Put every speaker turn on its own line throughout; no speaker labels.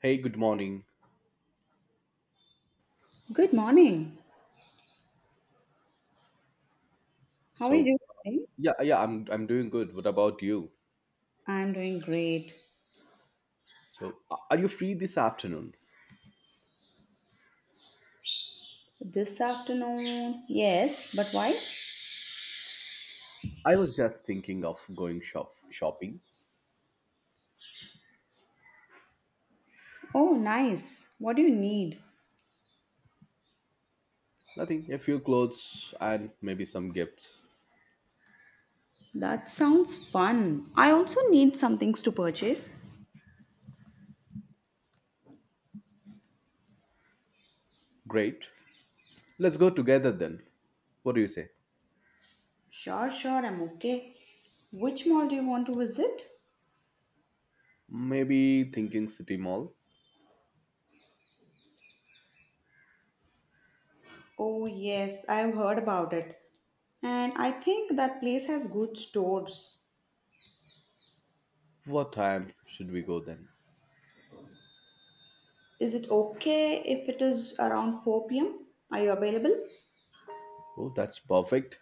Hey, good morning.
Good morning. How are
So,
you doing?
yeah, yeah, I'm doing good. What about you?
I'm doing great.
So, are you free this afternoon?
This afternoon, yes, but why?
I was just thinking of going shopping.
Oh, nice. What do you need?
Nothing, a few clothes and maybe some gifts.
That sounds fun. I also need some things to purchase.
Great. Let's go together then. What do you say?
Sure, sure, I'm okay. Which mall do you want to visit?
Maybe thinking City Mall.
Oh, yes, I have heard about it. And I think that place has good stores.
What time should we go then?
Is it okay if it is around 4 p.m.? Are you available?
Oh, that's perfect.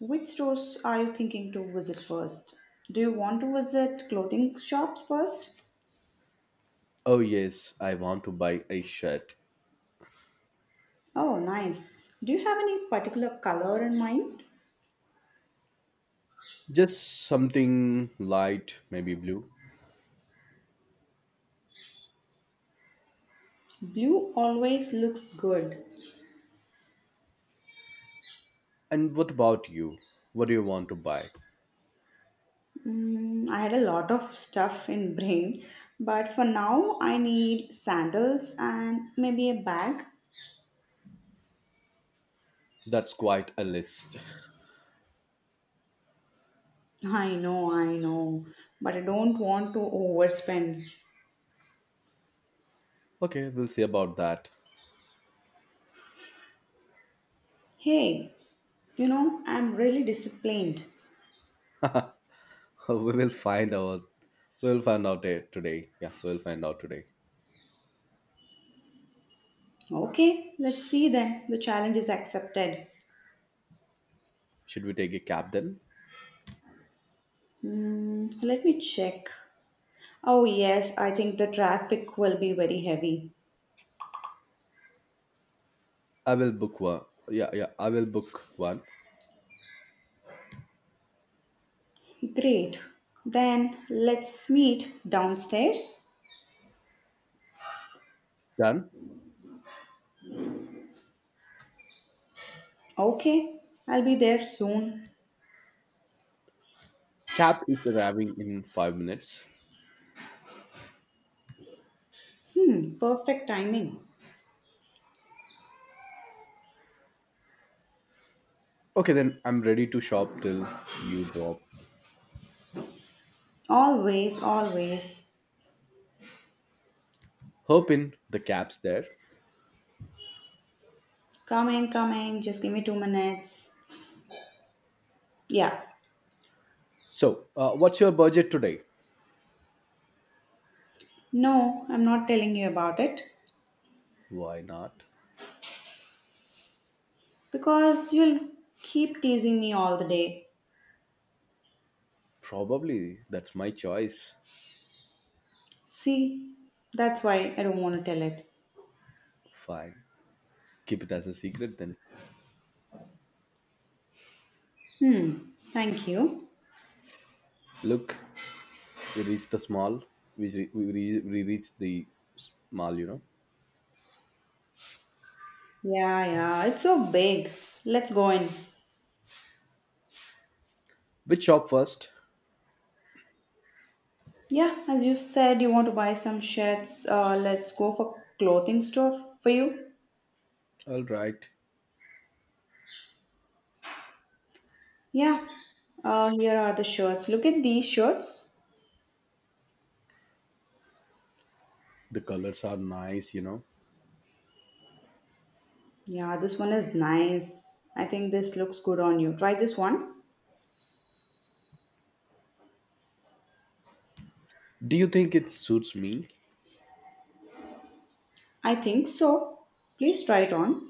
Which stores are you thinking to visit first? Do you want to visit clothing shops first?
Oh, yes, I want to buy a shirt.
Oh, nice. Do you have any particular color in mind?
Just something light, maybe blue.
Blue always looks good.
And what about you? What do you want to buy?
Mm, I had a lot of stuff in brain, but for now I need sandals and maybe a bag.
That's quite a list.
I know, but I don't want to overspend.
Okay, we'll see about that.
Hey, I'm really disciplined.
We will find out. We'll find out today. Yeah, we'll find out today.
Okay, let's see then. The challenge is accepted.
Should we take a cab then?
Mm, let me check. Oh, yes, I think the traffic will be very heavy.
I will book one. Yeah, yeah, I will book one.
Great. Then let's meet downstairs.
Done.
Okay, I'll be there soon.
Cab is arriving in 5 minutes.
Hmm, perfect timing.
Okay, then I'm ready to shop till you drop.
Always, always.
Hoping the cab's there.
Coming, coming, just give me 2 minutes. Yeah.
So, what's your budget today?
No, I'm not telling you about it
Why not?
because you'll keep teasing me all the day.
Probably that's my choice.
See, that's why I don't want to tell it.
Fine. Keep it as a secret then.
Hmm, thank you.
Look, we reached the small. We reached the small.
Yeah, yeah, it's so big. Let's go in.
Which shop first?
Yeah, as you said, you want to buy some shirts. Let's go for clothing store for you.
All right.
Yeah, here are the shirts. Look at these shirts.
The colors are nice, you know.
Yeah, this one is nice. I think this looks good on you. Try this one.
Do you think it suits me?
I think so. Please try it on.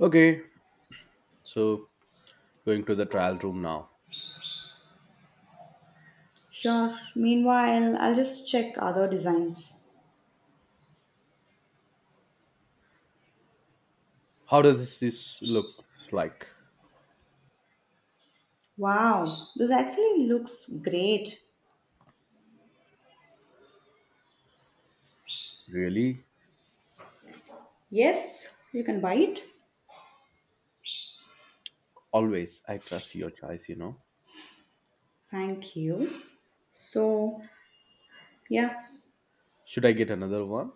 Okay, so going to the trial room now.
Sure. Meanwhile, I'll just check other designs.
How does this look? Like,
Wow, this actually looks great.
really?
Yes, you can buy it.
Always I trust your choice.
Thank you. So, yeah,
Should I get another one?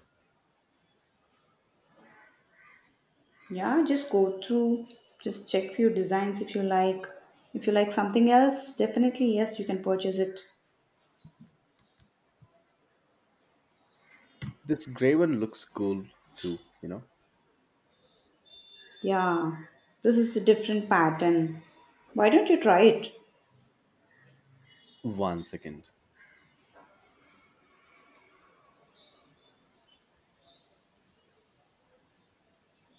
yeah, just go through, just check few designs if you like. If you like something else, definitely yes, you can purchase it.
This gray one looks cool too you know
Yeah, this is a different pattern. Why don't you try it?
One second.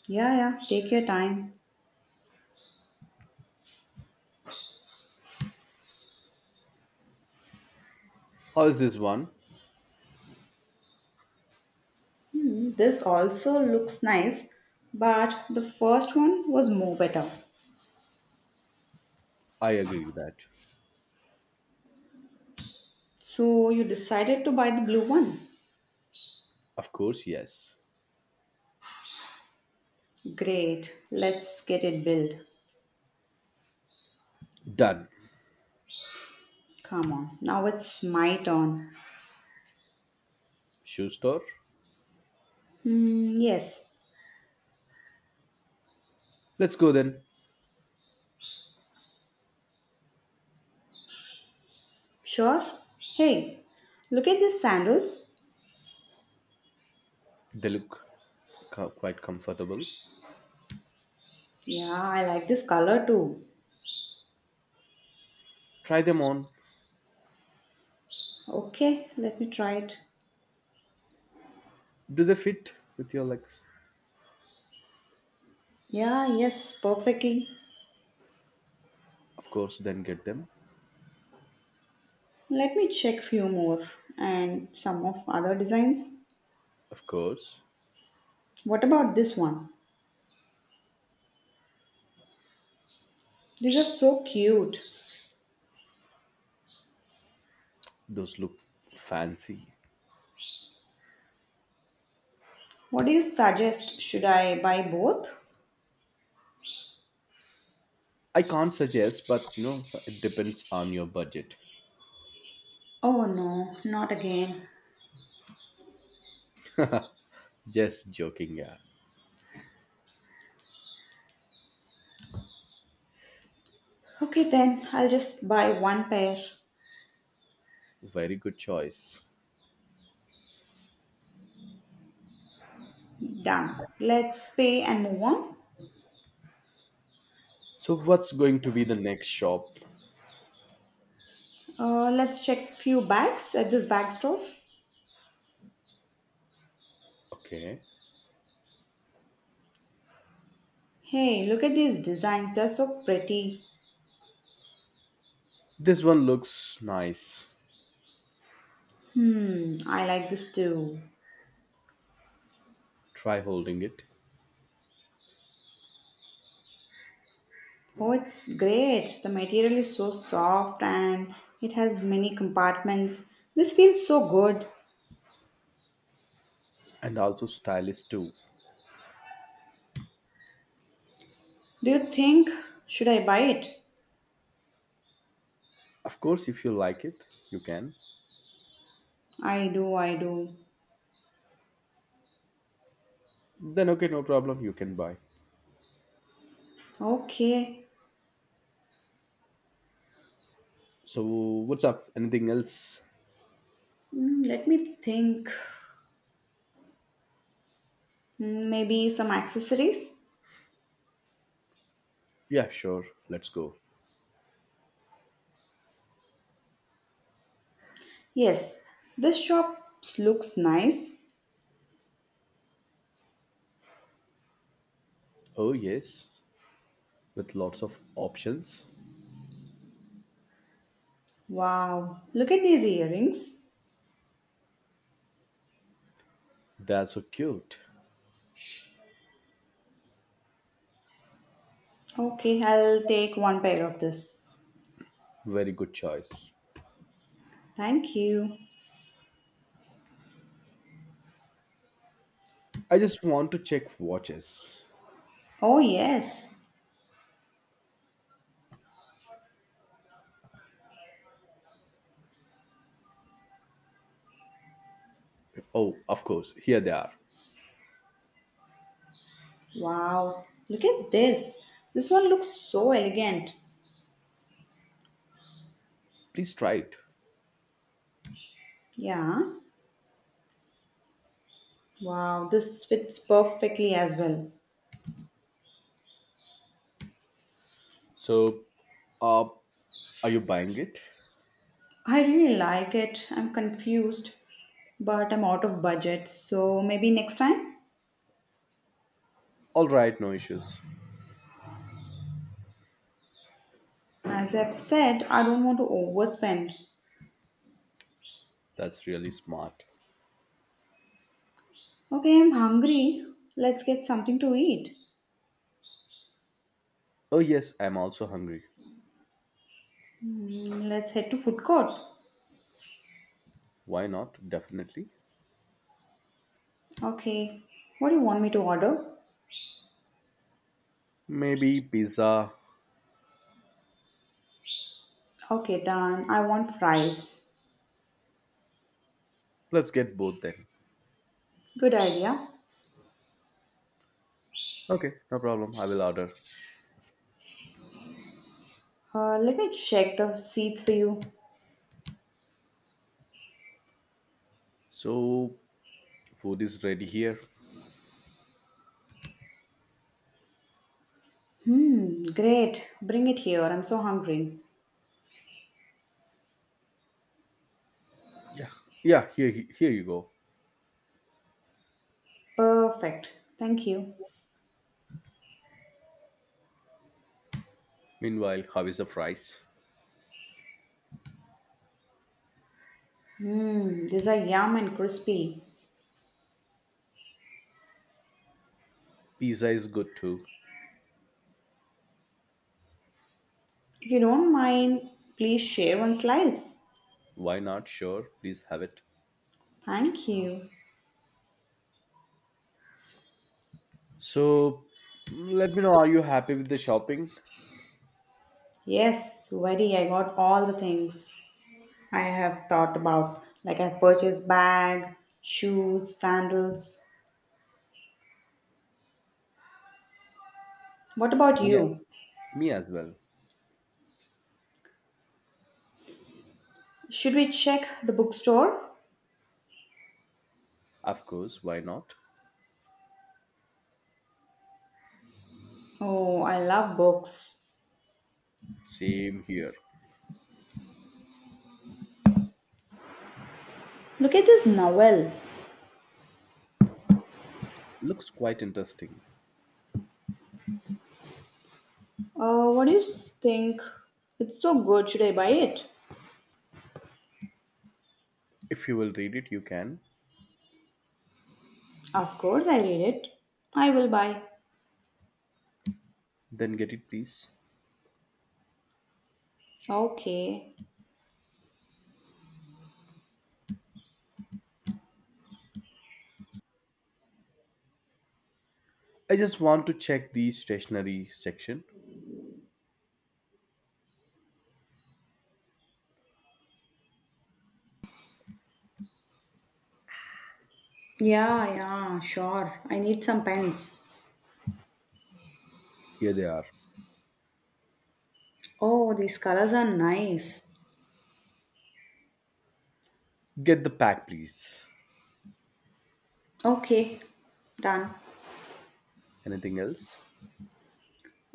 Yeah, yeah, take your time.
How is this one?
Hmm, this also looks nice, but the first one was more better.
I agree with that.
So you decided to buy the blue one.
Of course, yes.
Great, let's get it built.
Done.
Come on, now it's my turn.
Shoe store?
Hmm, yes.
Let's go then.
Sure. Hey, look at these sandals.
They look quite comfortable.
Yeah, I like this color too.
Try them on.
Okay, let me try it.
Do they fit with your legs?
Yeah, yes, perfectly.
Of course, then get them.
Let me check few more and some of other designs.
Of course.
What about this one? These are so cute.
Those look fancy.
What do you suggest? Should I buy both?
I can't suggest, but so it depends on your budget.
Oh no, not again.
Just joking, yeah.
Okay then, I'll just buy one pair.
Very good choice.
Done. Let's pay and move on.
So, what's going to be the next shop?
Let's check few bags at this bag store.
Okay.
Hey, look at these designs. They're so pretty.
This one looks nice.
Hmm, I like this too.
Try holding it.
Oh, it's great. The material is so soft and it has many compartments. This feels so good.
And also stylish too.
Do you think should I buy it?
Of course, if you like it, you can.
I do, I do.
Then okay, no problem, you can buy.
Okay.
So what's up? Anything else?
Hmm, let me think. Hmm, maybe some accessories?
Yeah, sure. Let's go.
Yes. This shop looks nice.
Oh yes, with lots of options.
Wow. Look at these earrings.
That's so cute.
Okay, I'll take one pair of this.
Very good choice.
Thank you.
I just want to check watches.
Oh, yes.
Oh, of course, here they are.
Wow. Look at this. This one looks so elegant.
Please try it.
Yeah. Wow. This fits perfectly as well.
So, uh, are you buying it?
I really like it. I'm confused, but I'm out of budget. So maybe next time?
All right, no issues.
As I've said, I don't want to overspend.
That's really smart.
Okay, I'm hungry. Let's get something to eat.
Oh, yes, I'm also hungry.
Hmm, let's head to food court.
Why not? Definitely.
Okay. What do you want me to order?
Maybe pizza.
Okay, done. I want fries.
Let's get both then.
Good idea.
Okay. No problem. I will order.
Let me check the seats for you.
So food is ready here.
Hmm, great. Bring it here. I'm so hungry.
Yeah. Yeah, here, you go.
Perfect. Thank you.
Meanwhile, how is the fries?
Hmm, these are yum and crispy.
Pizza is good too.
If you don't mind, please share one slice.
Why not? Sure, please have it.
Thank you.
So let me know, are you happy with the shopping?
Yes, very. I got all the things I have thought about. Like I purchased bag, shoes, sandals. What about
Me,
you?
me, as well.
Should we check the bookstore?
Of course, why not?
Oh, I love books.
Same here.
Look at this novel.
Looks quite interesting.
What do you think? It's so good. Should I buy it?
If you will read it, you can.
Of course, I read it. I will buy.
Then get it, please.
Okay.
I just want to check the stationery section.
Yeah, yeah, sure. I need some pens.
Here they are.
Oh, these colors are nice.
Get the pack, please.
Okay, done.
Anything else?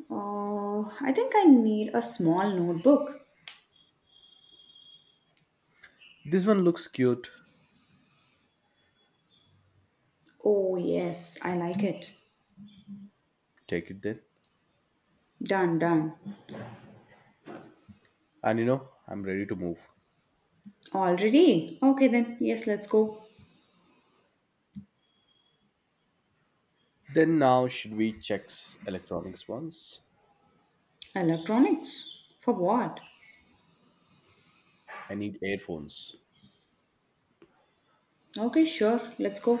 Oh, I think I need a small notebook.
This one looks cute.
Oh, yes, I like it.
Take it then.
Done, done.
And you know, I'm ready to move.
Already? Okay, then. Yes, let's go.
Then now, should we check electronics once?
Electronics? For what?
I need earphones.
Okay, sure, let's go.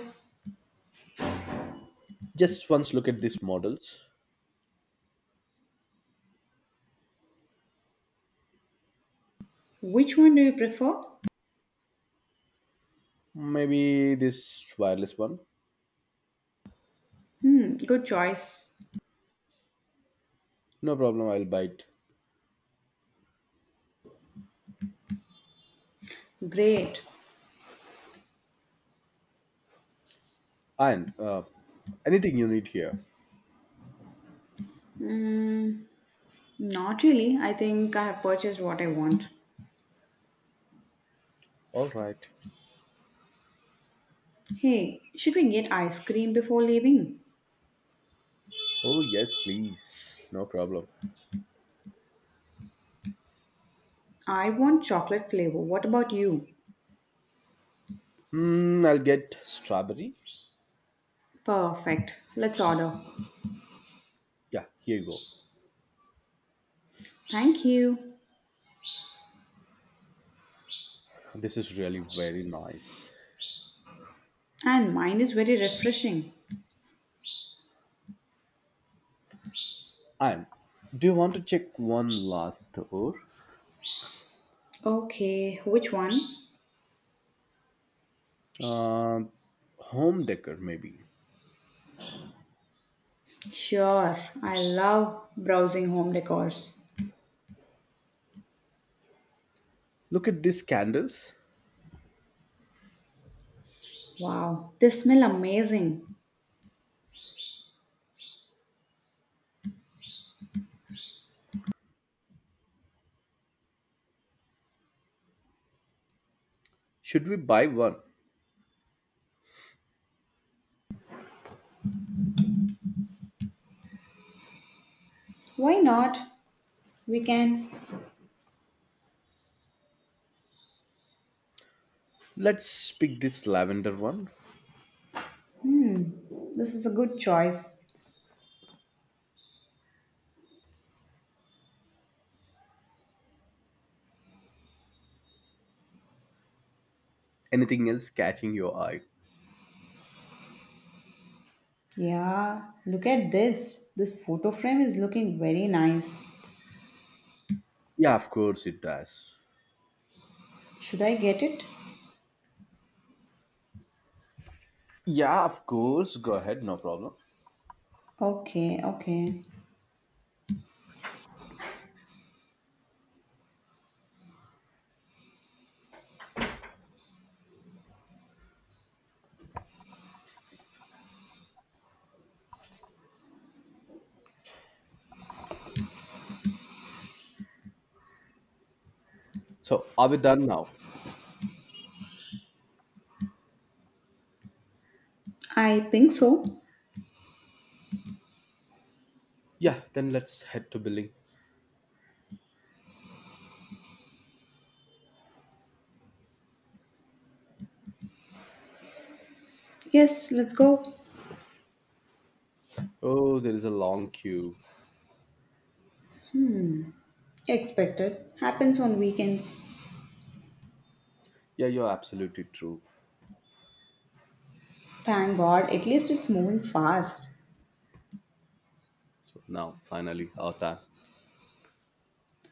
Just once look at these models.
Which one do you prefer?
Maybe this wireless one.
Hmm, good choice.
No problem, I'll buy it.
Great.
And anything you need here?
Mm, not really. I think I have purchased what I want.
All right.
Hey, should we get ice cream before leaving?
Oh, yes, please. No problem.
I want chocolate flavor. What about you?
Hmm, I'll get strawberry.
Perfect. Let's order.
Yeah, here you go.
Thank you.
This is really very nice.
And mine is very refreshing.
I, do you want to check one last door?
Okay, which one?
Uh, Home decor, maybe.
Sure. I love browsing home decors.
Look at these candles.
Wow, they smell amazing.
Should we buy one?
Why not? We can.
Let's pick this lavender one.
This is a good choice.
Anything else catching your eye?
Yeah, look at this. This photo frame is looking very nice.
Yeah, of course it does.
Should I get it?
Yeah, of course. Go ahead, no problem.
Okay, okay.
So, are we done now?
I think so.
Yeah, then let's head to billing.
Yes, let's go.
Oh, there is a long queue.
Expected. Happens on weekends.
Yeah, you're absolutely true.
Thank God, at least it's moving fast.
So, now finally, our time.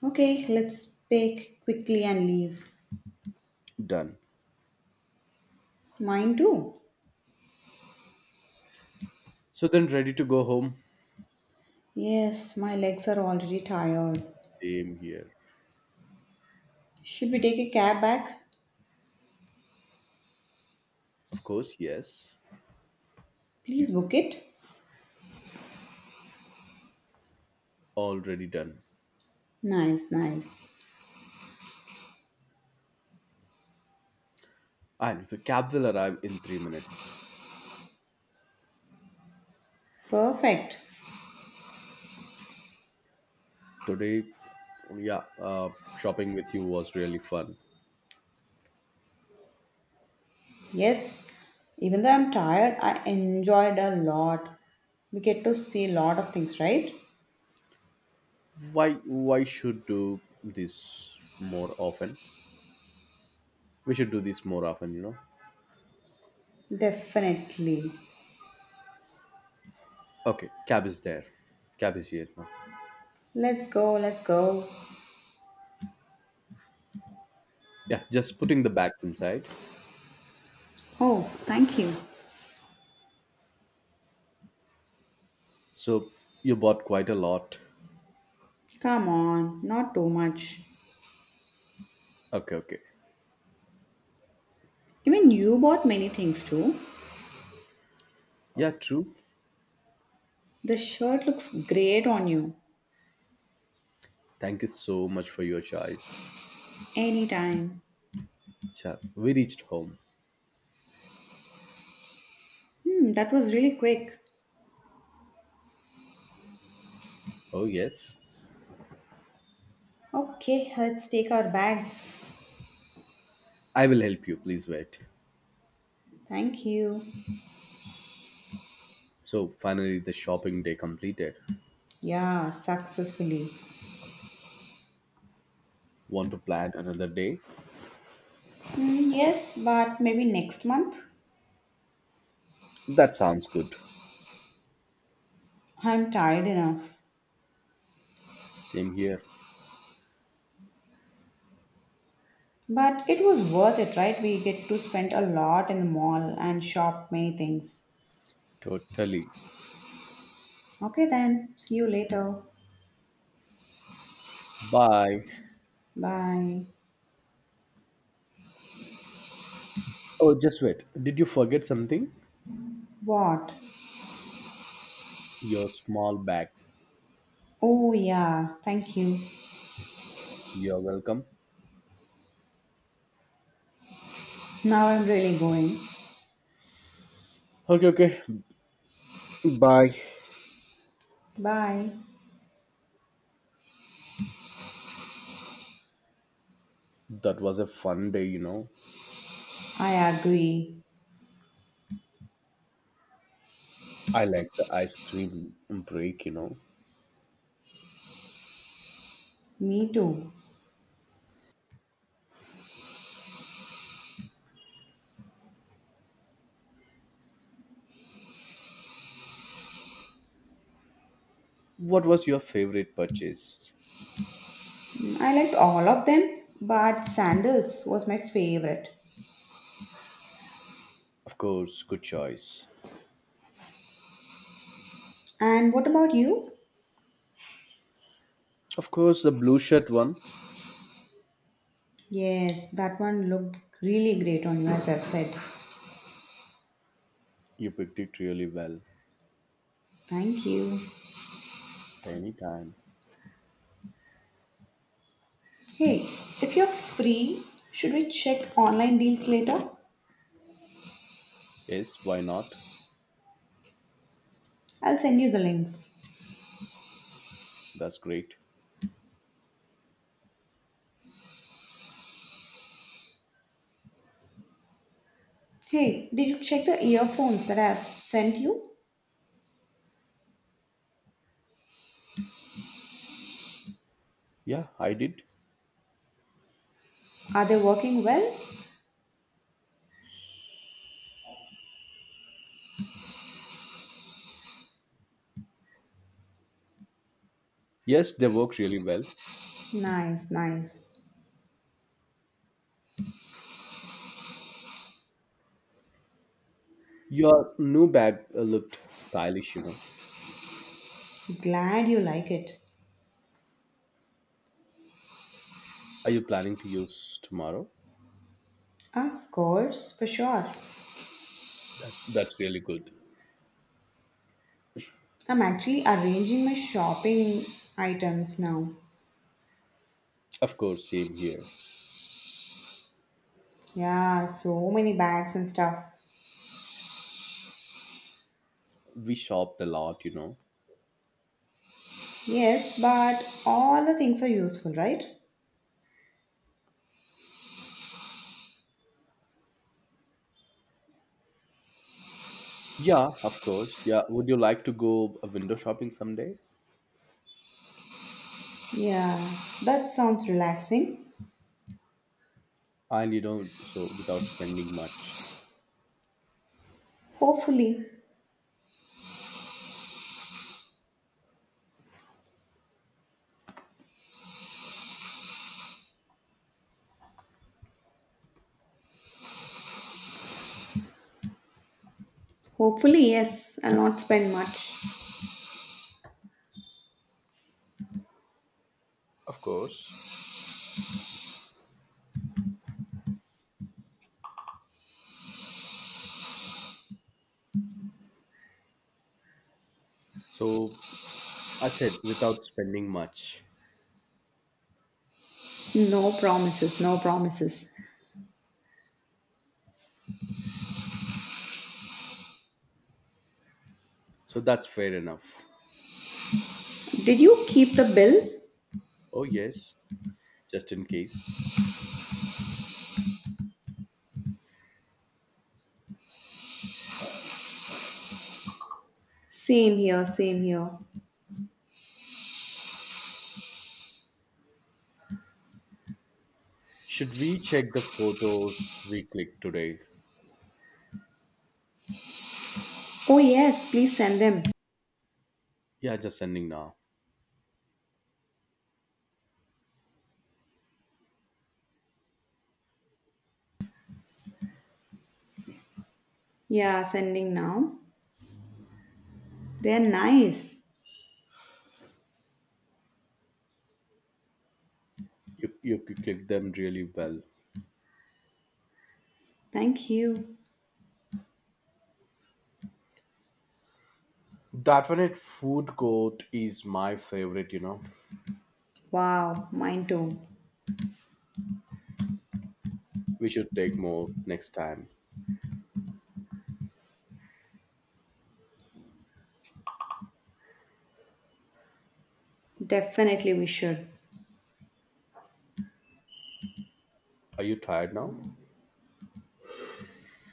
Okay, let's pack quickly and leave.
Done.
Mine too.
So, then ready to go home?
Yes, my legs are already tired.
Same here.
Should we take a cab back?
Of course, yes.
Please book it.
Already done.
Nice, nice.
And the cab will arrive in 3 minutes.
Perfect.
Today, yeah, uh, shopping with you was really fun.
Yes, even though I'm tired, I enjoyed a lot. We get to see a lot of things, right?
Why should do this more often? We should do this more often, you know.
Definitely.
Okay, cab is there. Cab is here now.
Let's go, let's go.
Yeah, just putting the bags inside.
Oh, thank you.
So you bought quite a lot.
Come on, not too much.
Okay, okay.
Even you bought many things too.
Yeah, true.
The shirt looks great on you.
Thank you so much for your choice.
Anytime.
Cha, we reached home.
Hmm, that was really quick.
Oh yes.
Okay, let's take our bags.
I will help you. Please wait.
Thank you.
So finally, the shopping day completed.
Yeah, successfully.
Want to plan another day?
Hmm, yes, but maybe next month.
That sounds good.
I'm tired enough.
Same here.
But it was worth it, right? We get to spend a lot in the mall and shop many things.
Totally.
Okay, then. See you later.
Bye.
Bye.
Oh, just wait. Did you forget something?
What?
Your small bag.
Oh, yeah. Thank you.
You're welcome.
Now I'm really going.
Okay, okay. Bye.
Bye.
That was a fun day, you know.
I agree.
I like the ice cream break, you know.
Me too.
What was your favorite purchase?
I liked all of them, but sandals was my favorite.
Of course, good choice.
And what about you?
Of course, the blue shirt one.
Yes, that one looked really great on you, as I've said.
You picked it really well.
Thank you.
Anytime.
Hey, if you're free, should we check online deals later?
Yes, why not?
I'll send you the links.
That's great.
Hey, did you check the earphones that I've sent you?
Yeah, I did.
Are they working well?
Yes, they work really well.
Nice, nice.
Your new bag looked stylish, you know.
Glad you like it.
Are you planning to use tomorrow?
Of course, for sure.
That's really good.
I'm actually arranging my shopping items now.
Of course, same here.
Yeah, so many bags and stuff.
We shopped a lot, you know.
Yes, but all the things are useful, right?
Yeah, of course. Yeah, would you like to go window shopping someday?
Yeah, that sounds relaxing.
And you know, so without spending much.
Hopefully. Hopefully, yes, I'll not spend much.
Of course. So I said without spending much.
No promises, no promises.
So that's fair enough.
Did you keep the bill?
Oh yes, just in case.
Same here, same here.
Should we check the photos we clicked today?
Oh, yes, please send them.
Yeah, just sending now.
Yeah, sending now. They're nice.
Click them really well.
Thank you.
That one at food court is my favorite, you know.
Wow, mine too.
We should take more next time.
Definitely we should.
Are you tired now?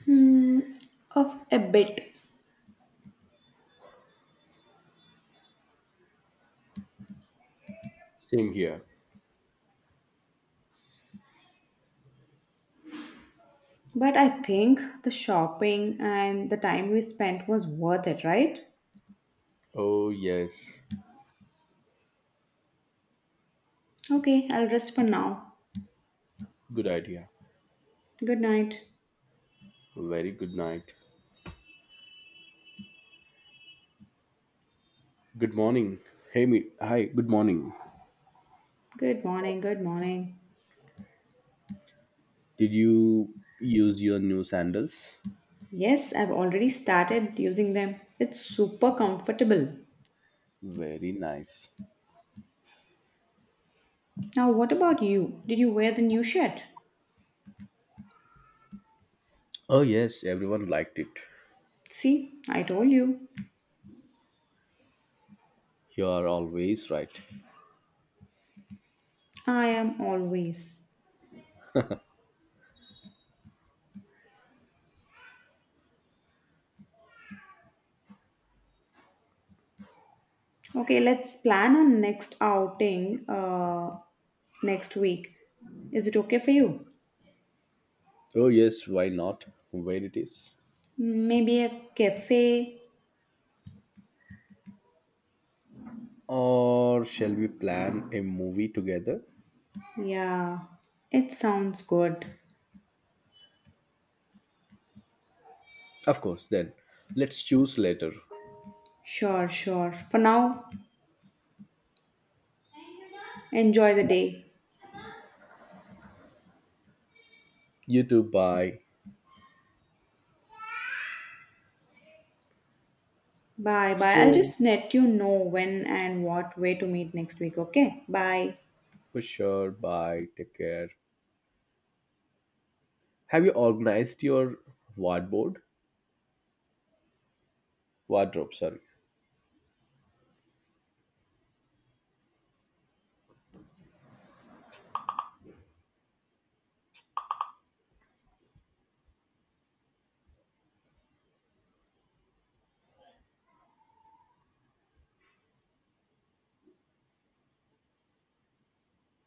Hmm, of a bit.
Same here.
But I think the shopping and the time we spent was worth it, right?
Oh, yes.
Okay, I'll rest for now.
Good idea.
Good night.
Very good night. Good morning. Hey, me. Hi, good morning.
Good morning, good morning.
Did you use your new sandals?
Yes, I've already started using them. It's super comfortable.
Very nice.
Now, what about you? Did you wear the new shirt?
Oh, yes, everyone liked it.
See, I told you.
You are always right.
I am always. Okay, let's plan our next outing next week. Is it okay for you?
Oh yes, why not? Where it is?
Maybe a cafe?
Or shall we plan a movie together?
Yeah, it sounds good.
Of course, then. Let's choose later.
Sure, sure. For now, enjoy the
Yeah.
day.
You too, bye.
Bye bye. I'll
So,
just let you know when and what way to meet next week, okay? Bye.
for sure, bye. Take care. Have you organized your wardrobe? Wardrobe, sorry.